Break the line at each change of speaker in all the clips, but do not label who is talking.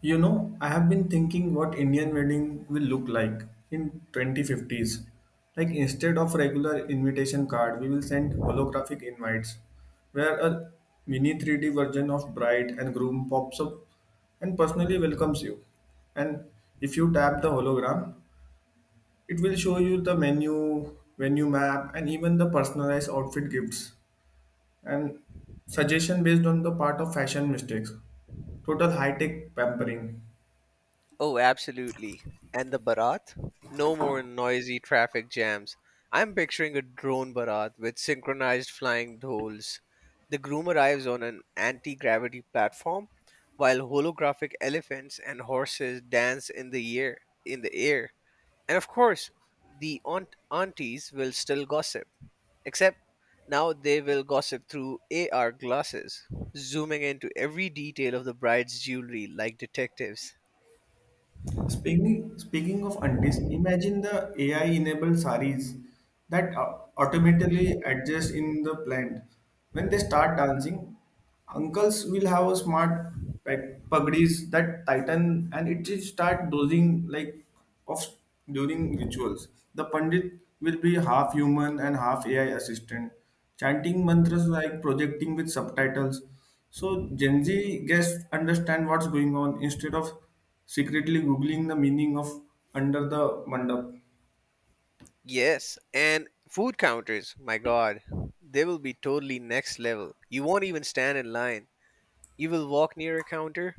You know, I have been thinking what Indian wedding will look like in 2050s. Like instead of regular invitation card, we will send holographic invites where a mini 3D version of bride and groom pops up and personally welcomes you. And if you tap the hologram, it will show you the menu, venue map, and even the personalized outfit gifts and suggestion based on the part of fashion mistakes. Total high-tech pampering.
Oh, absolutely. And the Bharat? No more noisy traffic jams. I'm picturing a drone Bharat with synchronized flying dolls. The groom arrives on an anti gravity platform while holographic elephants and horses dance in the air. In the air. And of course, the aunties will still gossip, except now they will gossip through AR glasses, zooming into every detail of the bride's jewelry like detectives.
Speaking of aunties, imagine the AI-enabled saris that automatically adjust in the plant. When they start dancing, uncles will have a smart pagdis that tighten and it will start dozing like of during rituals. The pandit will be half human and half AI assistant, chanting mantras like projecting with subtitles. So Gen Z guests understand what's going on instead of secretly googling the meaning of under the mandap.
Yes, and food counters, my god, they will be totally next level. You won't even stand in line. You will walk near a counter,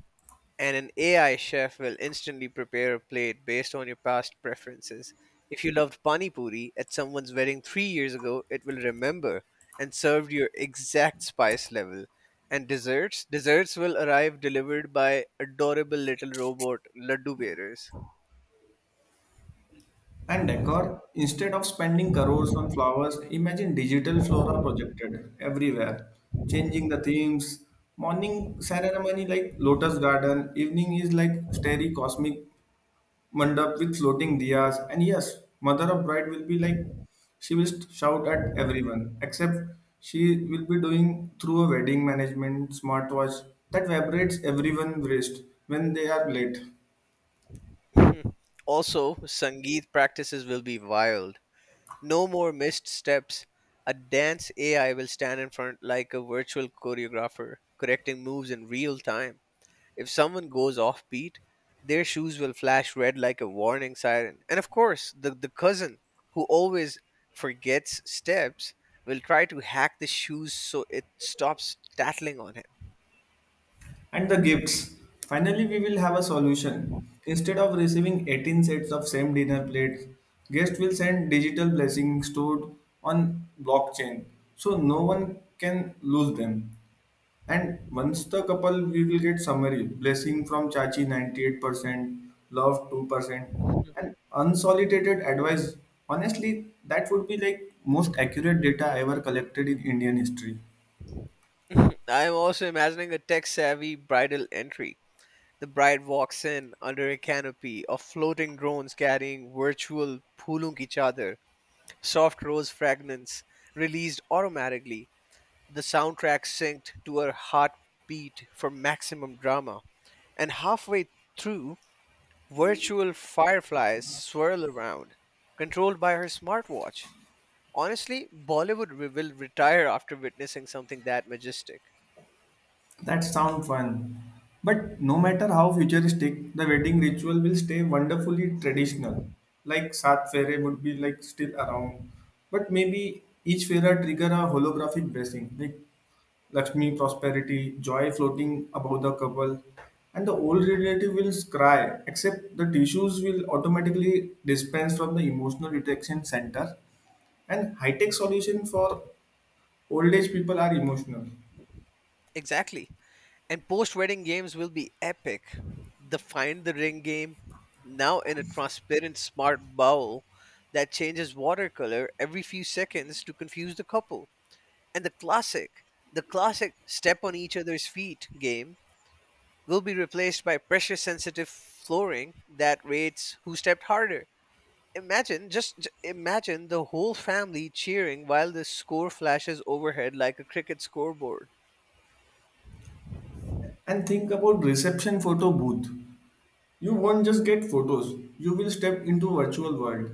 and an AI chef will instantly prepare a plate based on your past preferences. If you loved pani puri at someone's wedding 3 years ago, it will remember and serve your exact spice level. And desserts, desserts will arrive delivered by adorable little robot laddu bearers.
And decor, instead of spending crores on flowers, imagine digital flora projected everywhere, changing the themes. Morning ceremony like lotus garden, evening is like starry cosmic mandap with floating diyas. And yes, mother of bride will be like, she will shout at everyone, except she will be doing through a wedding management smartwatch that vibrates everyone's wrist when they are late.
Also, sangeet practices will be wild. No more missed steps. A dance AI will stand in front like a virtual choreographer, correcting moves in real time. If someone goes off beat, their shoes will flash red like a warning siren. And of course, the cousin who always forgets steps will try to hack the shoes so it stops tattling on
And the gifts. Finally, we will have a solution. Instead of receiving 18 sets of same dinner plates, guests will send digital blessings stored on blockchain, so no one can lose them. And once the couple, we will get summary blessing from Chachi 98%, love 2%, and unsolicited advice. Honestly, that would be like most accurate data ever collected in Indian history.
him. I am also imagining a tech savvy bridal entry. The bride walks in under a canopy of floating drones carrying virtual pulung each other. Soft Rose Fragments, released automatically, the soundtrack synced to her heartbeat for maximum drama, and halfway through, virtual fireflies swirl around, controlled by her smartwatch. Honestly, Bollywood will retire after witnessing something that majestic.
That sounds fun. But no matter how futuristic, the wedding ritual will stay wonderfully traditional. Like Sat Fere would be like still around. But maybe each Fera trigger a holographic blessing, like Lakshmi prosperity, joy floating above the couple, and the old relative will cry, except the tissues will automatically dispense from the emotional detection center. And high-tech solution for old age people are emotional.
Exactly. And post wedding games will be epic. The find the ring game, now in a transparent smart bowl that changes watercolor every few seconds to confuse the couple. And the classic step on each other's feet game will be replaced by pressure sensitive flooring that rates who stepped harder. Imagine, imagine the whole family cheering while the score flashes overhead like a cricket scoreboard.
And think about reception photo booth. You won't just get photos, you will step into virtual world.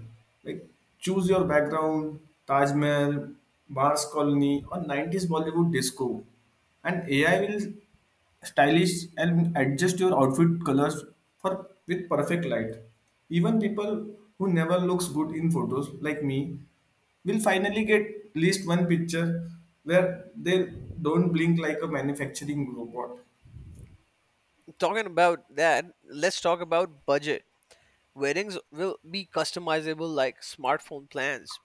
Like choose your background, taj mahal, mars colony, or 90s bollywood disco, and ai will stylish and adjust your outfit colors for with perfect light. Even people who never looks good in photos like me will finally get at least one picture where they don't blink like a manufacturing robot.
Talking about that, let's talk about budget. Weddings will be customizable like smartphone plans,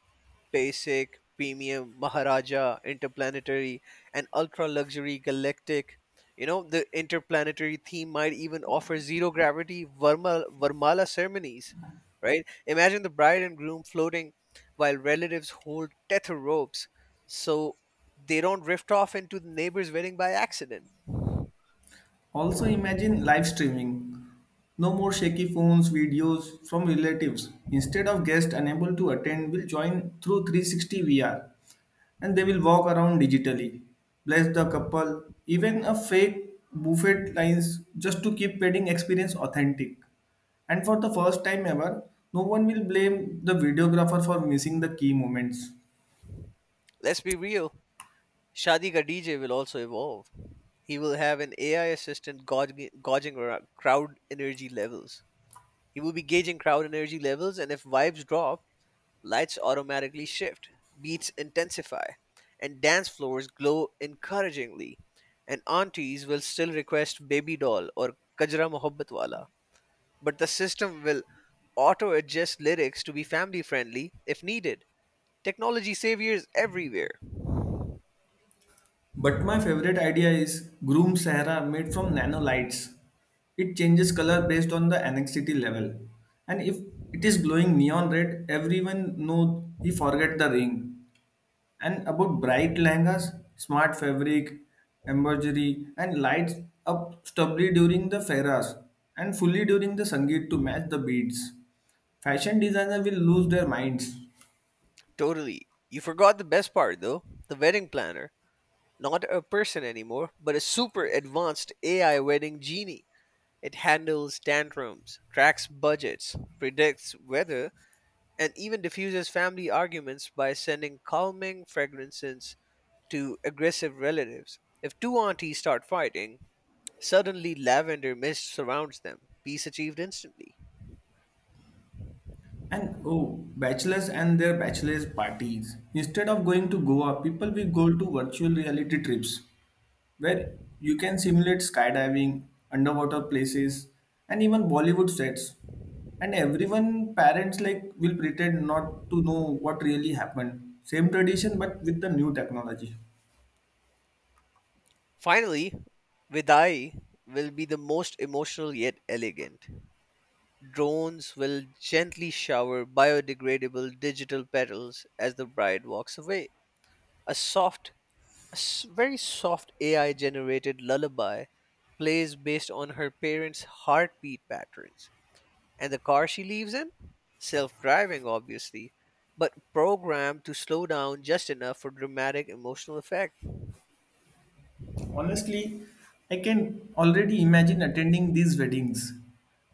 basic, premium, Maharaja, interplanetary, and ultra luxury galactic. You know, the interplanetary theme might even offer zero gravity Varmala ceremonies, right? Imagine the bride and groom floating while relatives hold tether ropes so they don't drift off into the neighbor's wedding by accident.
Also, imagine live streaming. No more shaky phones, videos from relatives. Instead of guests unable to attend, will join through 360 VR and they will walk around digitally. Bless the couple, even a fake buffet lines just to keep wedding experience authentic. And for the first time ever, no one will blame the videographer for missing the key moments.
Let's be real. Shadi Ka DJ will also evolve. He will have an AI assistant crowd energy levels. He will be gauging crowd energy levels, and if vibes drop, lights automatically shift, beats intensify, and dance floors glow encouragingly. And aunties will still request Baby Doll or Kajra Mohabbat Wala, but the system will auto adjust lyrics to be family friendly if needed. Technology saviors everywhere.
But my favorite idea is Groom Sahara made from nanolights. It changes color based on the anxiety level. And if it is glowing neon red, everyone know he forget the ring. And about bright langas, smart fabric, embroidery, and lights up stubbly during the fairas and fully during the sangeet to match the beads. Fashion designer will lose their minds.
Totally. You forgot the best part, though the wedding planner. Not a person anymore, but a super advanced AI wedding genie. It handles tantrums, tracks budgets, predicts weather, and even diffuses family arguments by sending calming fragrances to aggressive relatives. If two aunties start fighting, suddenly lavender mist surrounds them. Peace achieved instantly.
And oh, bachelors and their bachelors parties. Instead of going to Goa, people will go to virtual reality trips where you can simulate skydiving, underwater places, and even Bollywood sets. And everyone, parents like will pretend not to know what really happened. Same tradition, but with the new technology.
Finally, Vidai will be the most emotional yet elegant. Drones will gently shower biodegradable digital petals as the bride walks away. A soft, a very soft AI generated lullaby plays based on her parents' heartbeat patterns. And the car she leaves in? Self driving, obviously, but programmed to slow down just enough for dramatic emotional effect.
Honestly, I can already imagine attending these weddings.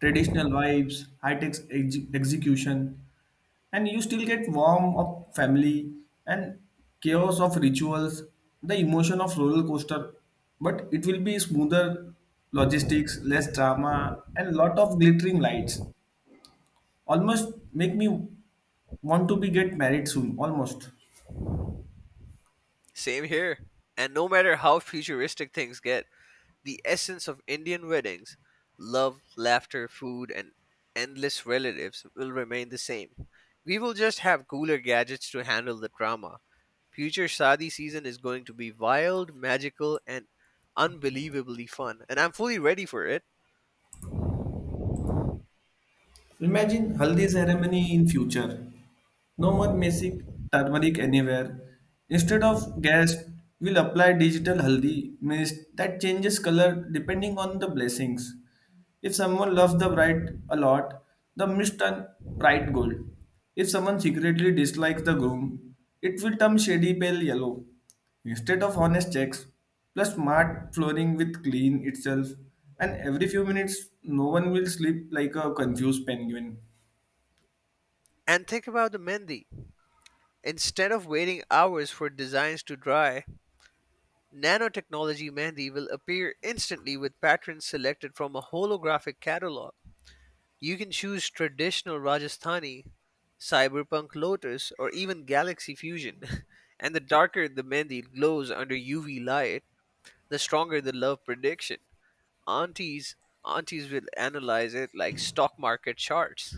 Traditional vibes, high tech execution, and you still get warmth of family and chaos of rituals, the emotion of roller coaster, but it will be smoother logistics, less drama, and lot of glittering lights. Almost make me want to be get married soon. Almost.
Same here. And no matter how futuristic things get, the essence of Indian weddings, love, laughter, food, and endless relatives will remain the same. We will just have cooler gadgets to handle the drama. Future Sadi season is going to be wild, magical, and unbelievably fun, and I'm fully ready for it.
Imagine haldi ceremony in future. No more messy turmeric anywhere. Instead of gas, we'll apply digital haldi mist that changes color depending on the blessings. If someone loves the bride a lot, the mist turn bright gold. If someone secretly dislikes the groom, it will turn shady pale yellow. Instead of honest checks, plus smart flooring with clean itself, and every few minutes, no one will sleep like a confused penguin.
And think about the Mendi. Instead of waiting hours for designs to dry, nanotechnology Mendi will appear instantly with patterns selected from a holographic catalog. You can choose traditional Rajasthani, cyberpunk lotus, or even galaxy fusion. And the darker the mehndi glows under UV light, the stronger the love prediction. Aunties, Aunties will analyze it like stock market charts.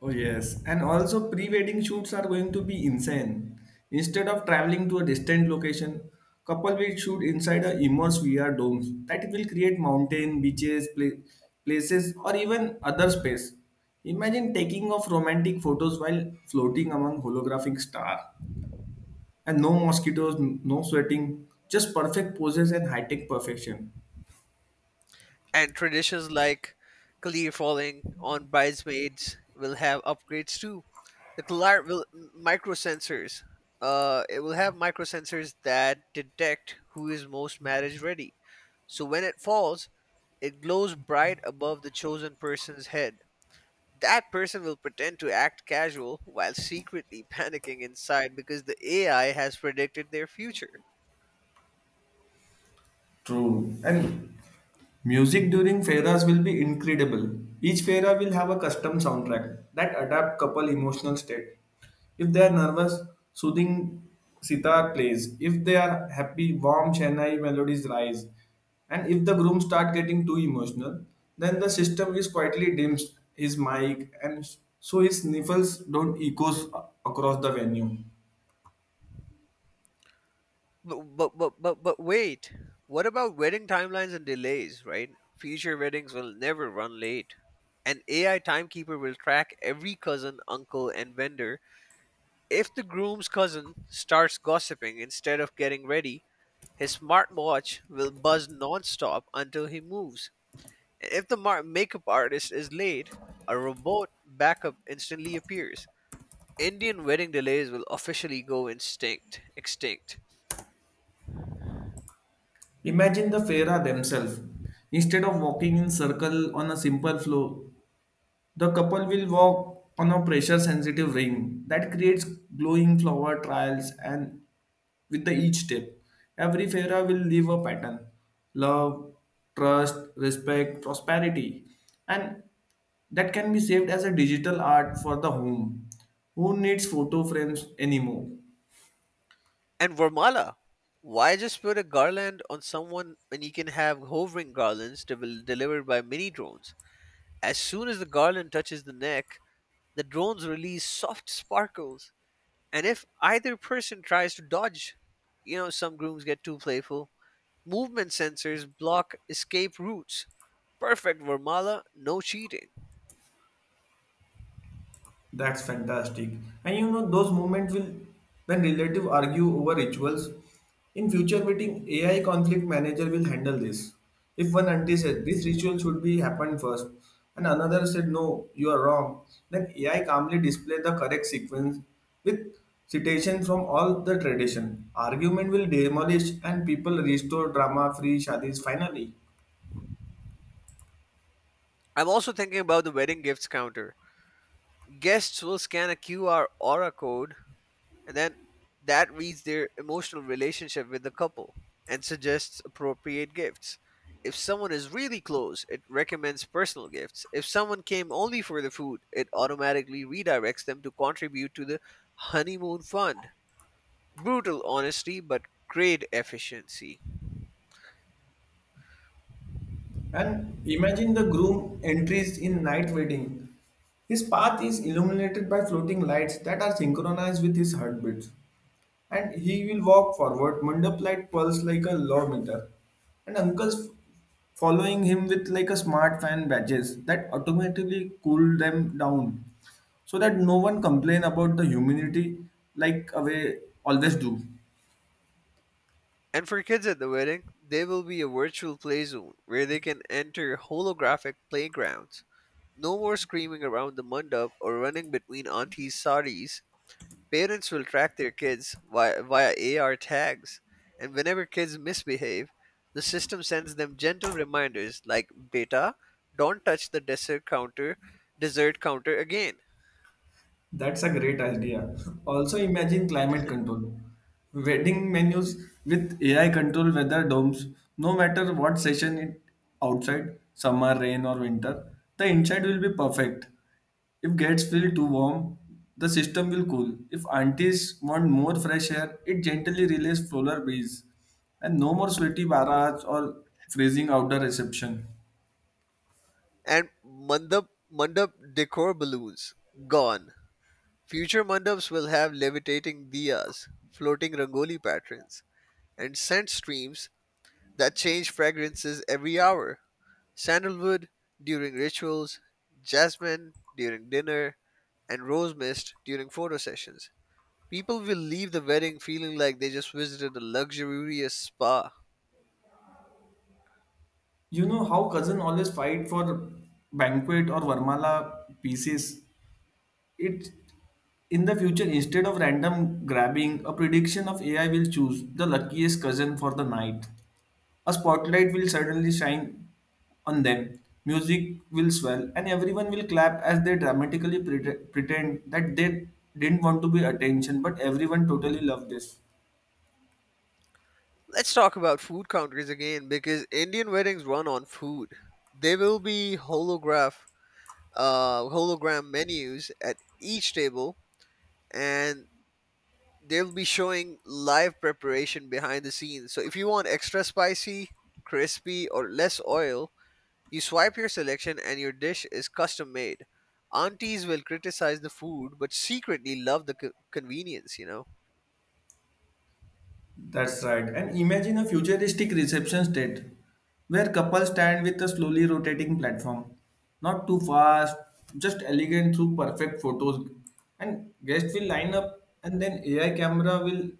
Oh, yes, and also pre wedding shoots are going to be insane. Instead of traveling to a distant location, couple will shoot inside a immense VR domes that will create mountain, beaches, places, or even other space. Imagine taking off romantic photos while floating among holographic stars. And no mosquitoes, no sweating, just perfect poses and high-tech perfection.
And traditions like Kalir falling on bridesmaids will have upgrades too. The Kalar will microsensors. It will have microsensors that detect who is most marriage ready. So when it falls, it glows bright above the chosen person's head. That person will pretend to act casual while secretly panicking inside because the AI has predicted their future.
True. And music during fairas will be incredible. Each faira will have a custom soundtrack that adapt couple emotional state. If they are nervous, soothing sitar plays. If they are happy, warm Chennai melodies rise. And if the groom start getting too emotional, then the system is quietly dims his mic and so his sniffles don't echoes across the venue.
But wait, what about wedding timelines and delays? Right, future weddings will never run late. An AI timekeeper will track every cousin, uncle, and vendor. If the groom's cousin starts gossiping instead of getting ready, his smartwatch will buzz nonstop until he moves. If the makeup artist is late, a robot backup instantly appears. Indian wedding delays will officially go instinct, extinct.
Imagine the Fera themselves. Instead of walking in circle on a simple floor, the couple will walk on a pressure sensitive ring that creates glowing flower trails and with the each step. Every Fera will leave a pattern. Love, trust, respect, prosperity. And that can be saved as a digital art for the home. Who needs photo frames anymore?
And Vermala, why just put a garland on someone when you can have hovering garlands delivered by mini drones? As soon as the garland touches the neck, the drones release soft sparkles. And if either person tries to dodge, you know, some grooms get too playful. Movement sensors block escape routes. Perfect, Vermala, no cheating.
That's fantastic. And you know, those moments will when relatives argue over rituals. In future meeting, AI conflict manager will handle this. If one auntie said this ritual should be happened first, and another said no, you are wrong, then AI calmly display the correct sequence with citation from all the tradition. Argument will demolish and people restore drama-free shadis finally.
I'm also thinking about the wedding gifts counter. Guests will scan a QR a code and then that reads their emotional relationship with the couple and suggests appropriate gifts. If someone is really close, it recommends personal gifts. If someone came only for the food, it automatically redirects them to contribute to the honeymoon fund. Brutal honesty, but great efficiency.
And imagine the groom entries in night wedding. His path is illuminated by floating lights that are synchronized with his heartbeats. And he will walk forward, mandap light pulse like a law meter. And uncles following him with like a smart fan badges that automatically cool them down so that no one complain about the humidity like away always do.
And for kids at the wedding, there will be a virtual play zone where they can enter holographic playgrounds. No more screaming around the mandap or running between auntie's saris. Parents will track their kids via AR tags, and whenever kids misbehave, the system sends them gentle reminders like "Beta, don't touch the dessert counter again."
That's a great idea. Also, imagine climate control. Wedding menus with AI control weather domes, no matter what session it outside, summer, rain, or winter, the inside will be perfect. If gets feel too warm, the system will cool. If aunties want more fresh air, it gently relays polar breeze. And no more sweaty barrage or freezing outdoor reception.
And mandap decor balloons gone. Future mandaps will have levitating diyas, floating rangoli patterns, and scent streams that change fragrances every hour. Sandalwood during rituals, jasmine during dinner, and rose mist during photo sessions. People will leave the wedding feeling like they just visited a luxurious spa.
You know how cousin always fight for banquet or Varmala pieces. It in the future, instead of random grabbing, a prediction of AI will choose the luckiest cousin for the night. A spotlight will suddenly shine on them, music will swell, and everyone will clap as they dramatically pretend that they didn't want to be attention, but everyone totally loved this.
Let's talk about food countries again because Indian weddings run on food. There will be hologram menus at each table, and they'll be showing live preparation behind the scenes. So if you want extra spicy, crispy, or less oil, you swipe your selection and your dish is custom made. Aunties will criticize the food but secretly love the convenience, you know.
That's right. And imagine a futuristic reception state where couples stand with a slowly rotating platform. Not too fast, just elegant through perfect photos. And guests will line up and then AI camera will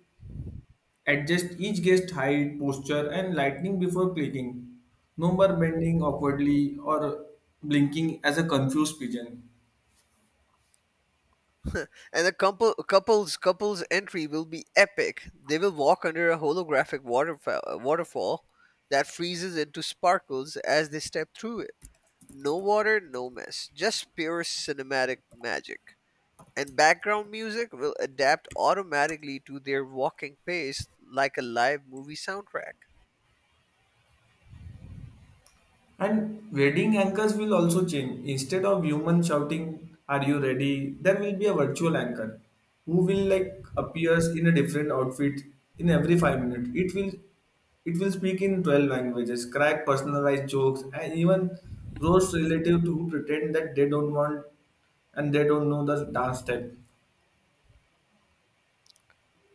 adjust each guest height, posture and lighting before clicking. No more bending awkwardly or blinking as a confused pigeon.
And the couples entry will be epic. They will walk under a holographic waterfall, waterfall that freezes into sparkles as they step through it. No water, no mess, just pure cinematic magic. And background music will adapt automatically to their walking pace like a live movie soundtrack.
And wedding anchors will also change. Instead of human shouting, are you ready? There will be a virtual anchor who will like appears in a different outfit in every 5 minutes. It will speak in 12 languages, crack personalized jokes, and even roast relative to who pretend that they don't want and they don't know the dance step.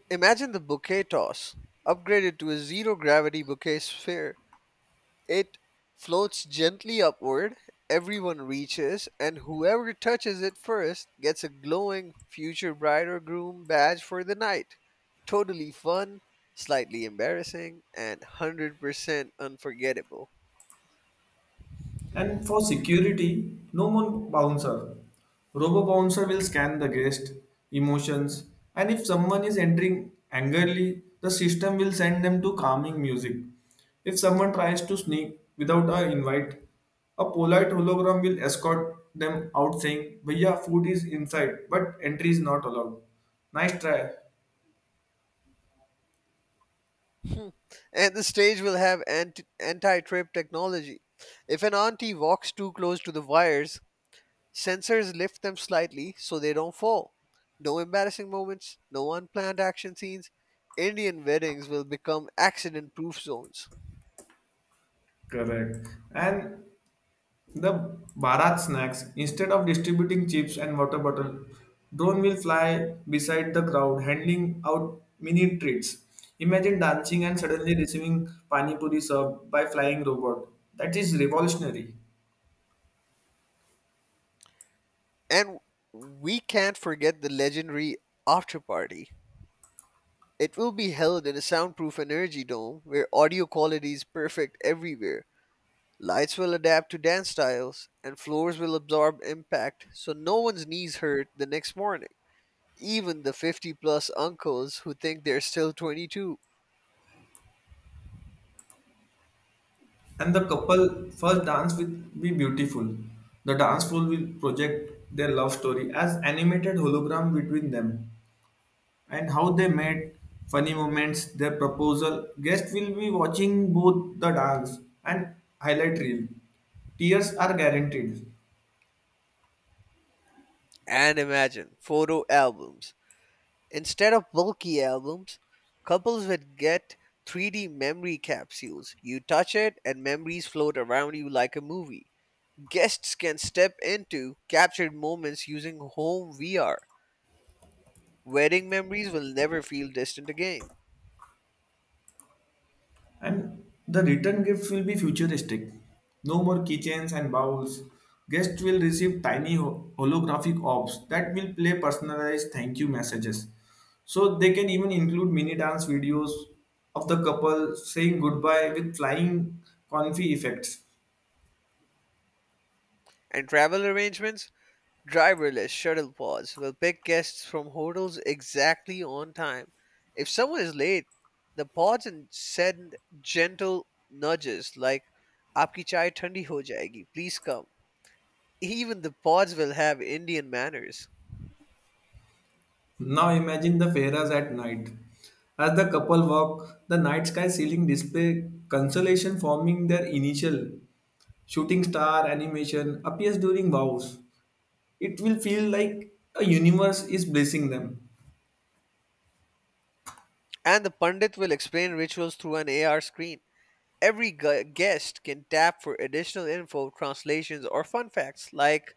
Imagine the bouquet toss, upgraded to a zero gravity bouquet sphere. It floats gently upward, everyone reaches, and whoever touches it first gets a glowing future bride or groom badge for the night. Totally fun, slightly embarrassing, and 100% unforgettable.
And for security, no more bouncer. Robo bouncer will scan the guest emotions, and if someone is entering angrily, the system will send them to calming music. If someone tries to sneak without a invite, a polite hologram will escort them out saying, Bhaiya, food is inside, but entry is not allowed. Nice try.
And the stage will have anti trip technology. If an auntie walks too close to the wires, sensors lift them slightly so they don't fall. No embarrassing moments, no unplanned action scenes. Indian weddings will become accident proof zones.
Correct. And the Bharat snacks. Instead of distributing chips and water bottle, drone will fly beside the crowd, handing out mini treats. Imagine dancing and suddenly receiving pani puri served by flying robot. That is revolutionary.
And we can't forget the legendary after party. It will be held in a soundproof energy dome where audio quality is perfect everywhere. Lights will adapt to dance styles, and floors will absorb impact so no one's knees hurt the next morning. Even the 50 plus uncles who think they're still 22.
And the couple first dance will be beautiful. The dance floor will project their love story as animated hologram between them. And how they made funny moments, their proposal. Guests will be watching both the dance and highlight reel. Tears are guaranteed,
And imagine photo albums. Instead of bulky albums, couples would get 3D memory capsules. You touch it, and memories float around you like a movie. Guests can step into captured moments using home VR. Wedding memories will never feel distant again.
and the return gift will be futuristic. No more keychains and bowls. Guests will receive tiny holographic orbs that will play personalized thank you messages. So they can even include mini dance videos of the couple saying goodbye with flying confetti effects.
And travel arrangements? Driverless shuttle pods will pick guests from hotels exactly on time. If someone is late, the pods and send gentle nudges like "Aapki chai thandi ho jayegi, please come." Even the pods will have Indian manners,
Now imagine the Ferras at night. As the couple walk, the night sky ceiling display constellation forming their initial shooting star animation appears during vows. It will feel like a universe is blessing them.
and the pandit will explain rituals through an AR screen. Every guest can tap for additional info, translations, or fun facts like,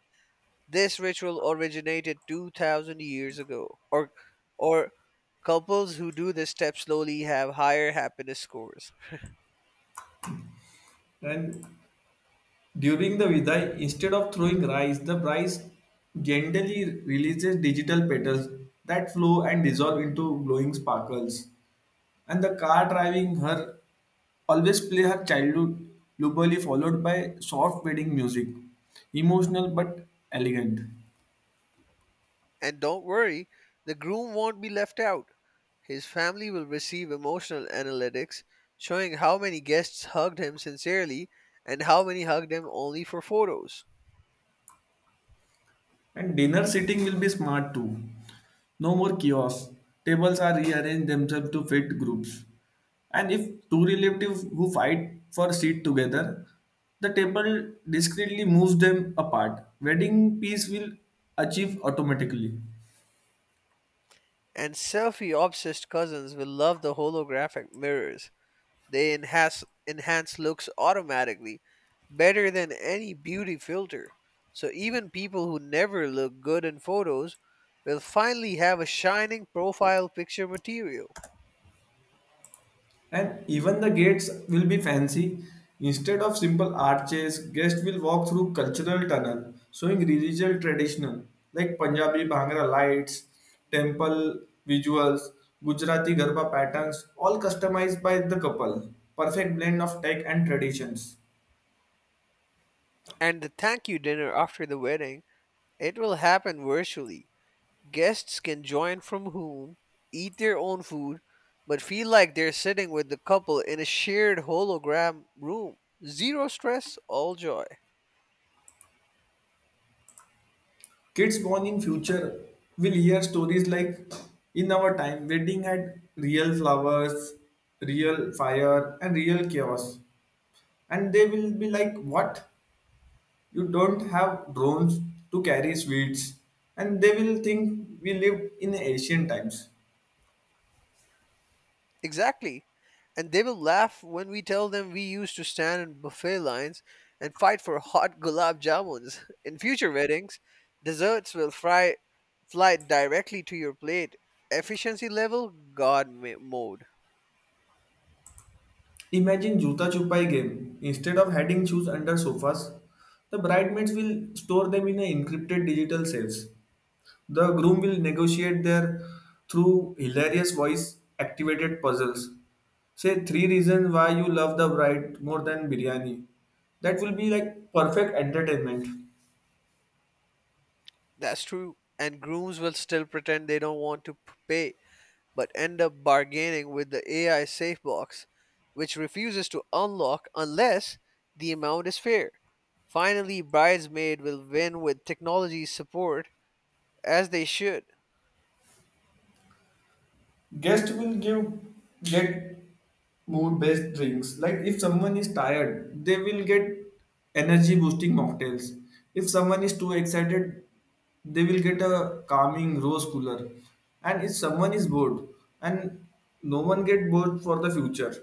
"This ritual originated 2000 years ago." Or couples who do this step slowly have higher happiness scores.
And during the Vidai, instead of throwing rice, the bride gently releases digital petals that flow and dissolve into glowing sparkles. And the car driving her always play her childhood lullaby followed by soft wedding music. Emotional but elegant.
And don't worry, the groom won't be left out. His family will receive emotional analytics showing how many guests hugged him sincerely and how many hugged him only for photos.
And dinner sitting will be smart too. No more chaos. Tables are rearranged themselves to fit groups. And if two relatives who fight for a seat together, the table discreetly moves them apart. Wedding peace will achieve automatically.
And selfie obsessed cousins will love the holographic mirrors. They enhance looks automatically, better than any beauty filter. So even people who never look good in photos will finally have a shining profile picture material.
And even the gates will be fancy. Instead of simple arches, guests will walk through cultural tunnel, showing religious traditional like Punjabi Bhangra lights, temple visuals, Gujarati Garba patterns, all customized by the couple. Perfect blend of tech and traditions.
And the thank you dinner after the wedding, it will happen virtually. Guests can join from home, eat their own food, but feel like they're sitting with the couple in a shared hologram room. Zero stress, all joy.
Kids born in future will hear stories like, in our time wedding had real flowers, real fire and real chaos. And they will be like what? You don't have drones to carry sweets, and they will think we lived in ancient times.
Exactly. And they will laugh when we tell them we used to stand in buffet lines and fight for hot gulab jamuns. In future weddings, desserts will fry, fly directly to your plate. Efficiency level, God mode.
Imagine Juta Chupai game. Instead of hiding shoes under sofas, the bridesmaids will store them in a encrypted digital safes. The groom will negotiate their through hilarious voice activated puzzles. Say three reasons why you love the bride more than biryani. That will be like perfect entertainment.
That's true. And grooms will still pretend they don't want to pay but end up bargaining with the AI safe box, which refuses to unlock unless the amount is fair. Finally, Bridesmaid will win with technology's support, as they should.
Guests will give get mood based drinks. Like if someone is tired, they will get energy boosting mocktails. If someone is too excited, they will get a calming rose cooler. And if someone is bored, and no one get bored for the future.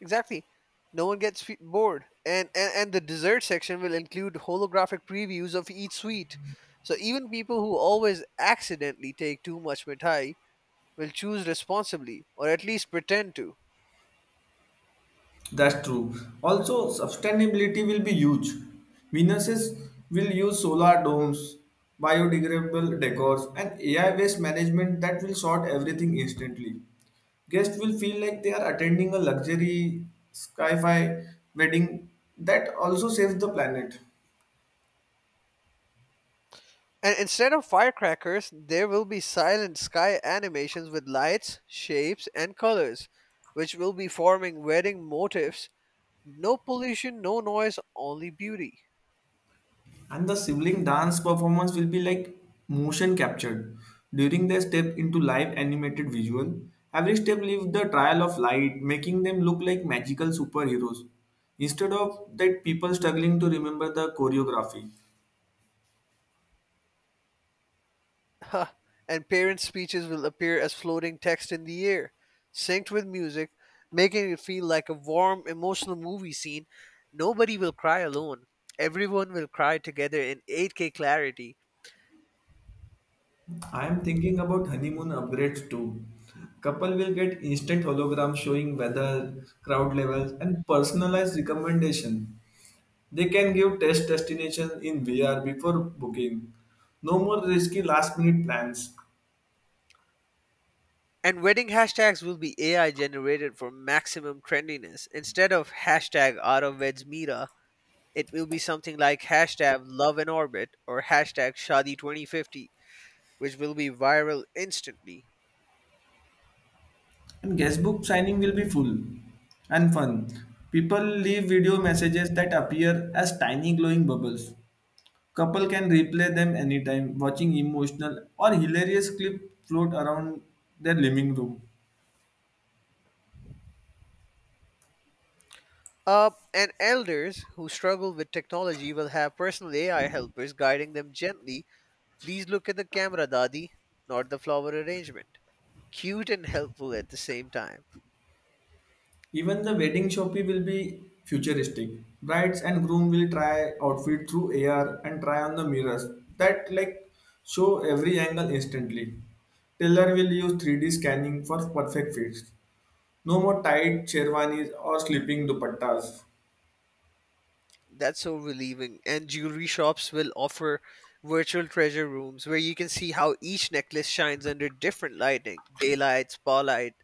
Exactly. No one gets bored. And the dessert section will include holographic previews of each sweet. So even people who always accidentally take too much mithai will choose responsibly, or at least pretend to.
That's true. Also, sustainability will be huge. Businesses will use solar domes, biodegradable decors, and AI waste management that will sort everything instantly. Guests will feel like they are attending a luxury sci fi wedding that also saves the planet.
And instead of firecrackers, there will be silent sky animations with lights, shapes, and colors, which will be forming wedding motifs. No pollution, no noise, only beauty.
And the sibling dance performance will be like motion captured during their step into live animated visual. Every step leaves the trial of light, making them look like magical superheroes. Instead of that, people struggling to remember the choreography.
Ha! And parents' speeches will appear as floating text in the air, synced with music, making it feel like a warm, emotional movie scene. Nobody will cry alone. Everyone will cry together in 8K clarity.
I am thinking about honeymoon upgrades too. Couple will get instant holograms showing weather, crowd levels, and personalized recommendation. They can give test destinations in VR before booking. No more risky last minute plans.
And wedding hashtags will be AI generated for maximum trendiness. Instead of hashtag out of wed's Mira, it will be something like hashtag love in orbit or hashtag Shadi 2050, which will be viral instantly.
And guestbook signing will be full and fun. People leave video messages that appear as tiny glowing bubbles. Couple can replay them anytime, watching emotional or hilarious clip float around their living room.
And elders who struggle with technology will have personal AI helpers guiding them gently. "Please look at the camera, Dadi, not the flower arrangement." Cute and helpful at the same time.
Even the wedding shopping will be futuristic. Brides and groom will try outfit through AR and try on the mirrors that like show every angle instantly. Tailor will use 3D scanning for perfect fits. No more tight sherwanis or sleeping dupattas.
That's so relieving. And jewelry shops will offer virtual treasure rooms where you can see how each necklace shines under different lighting daylight, spotlight,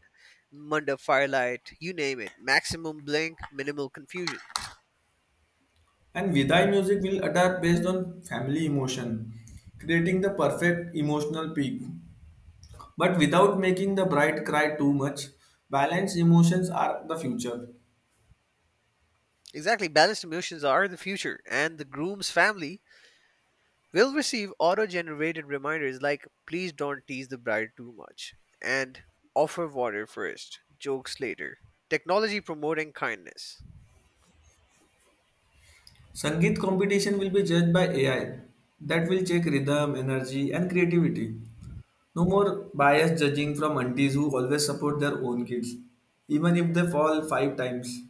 manda firelight, you name it. Maximum blink, minimal confusion.
And Vidai music will adapt based on family emotion, creating the perfect emotional peak. But without making the bride cry too much, balanced emotions are the future.
Exactly, balanced emotions are the future, and the groom's family will receive auto generated reminders like, "Please don't tease the bride too much, and offer water first, jokes later." Technology promoting kindness.
Sangeet competition will be judged by AI that will check rhythm, energy, and creativity. No more biased judging from aunties who always support their own kids, even if they fall five times.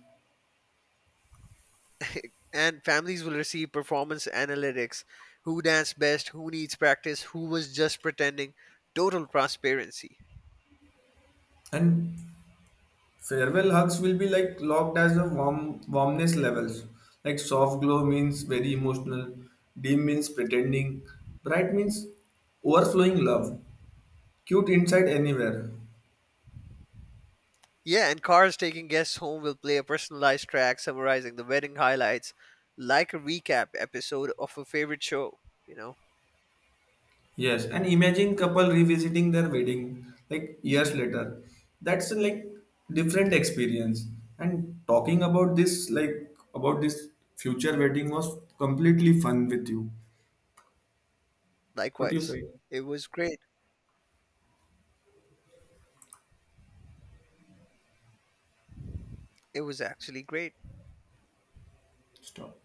And families will receive performance analytics who danced best, who needs practice, who was just pretending. Total transparency.
And farewell hugs will be like locked as the warmness levels. Like soft glow means very emotional, dim means pretending, bright means overflowing love, cute inside anywhere.
Yeah, and cars taking guests home will play a personalized track summarizing the wedding highlights, like a recap episode of a favorite show, you know,
Yes, and imagine couple revisiting their wedding like years later. That's like different experience. And talking about this, like about this future wedding was completely fun with you. What do you
likewise.
say?
It was great. It was actually great.
Stop.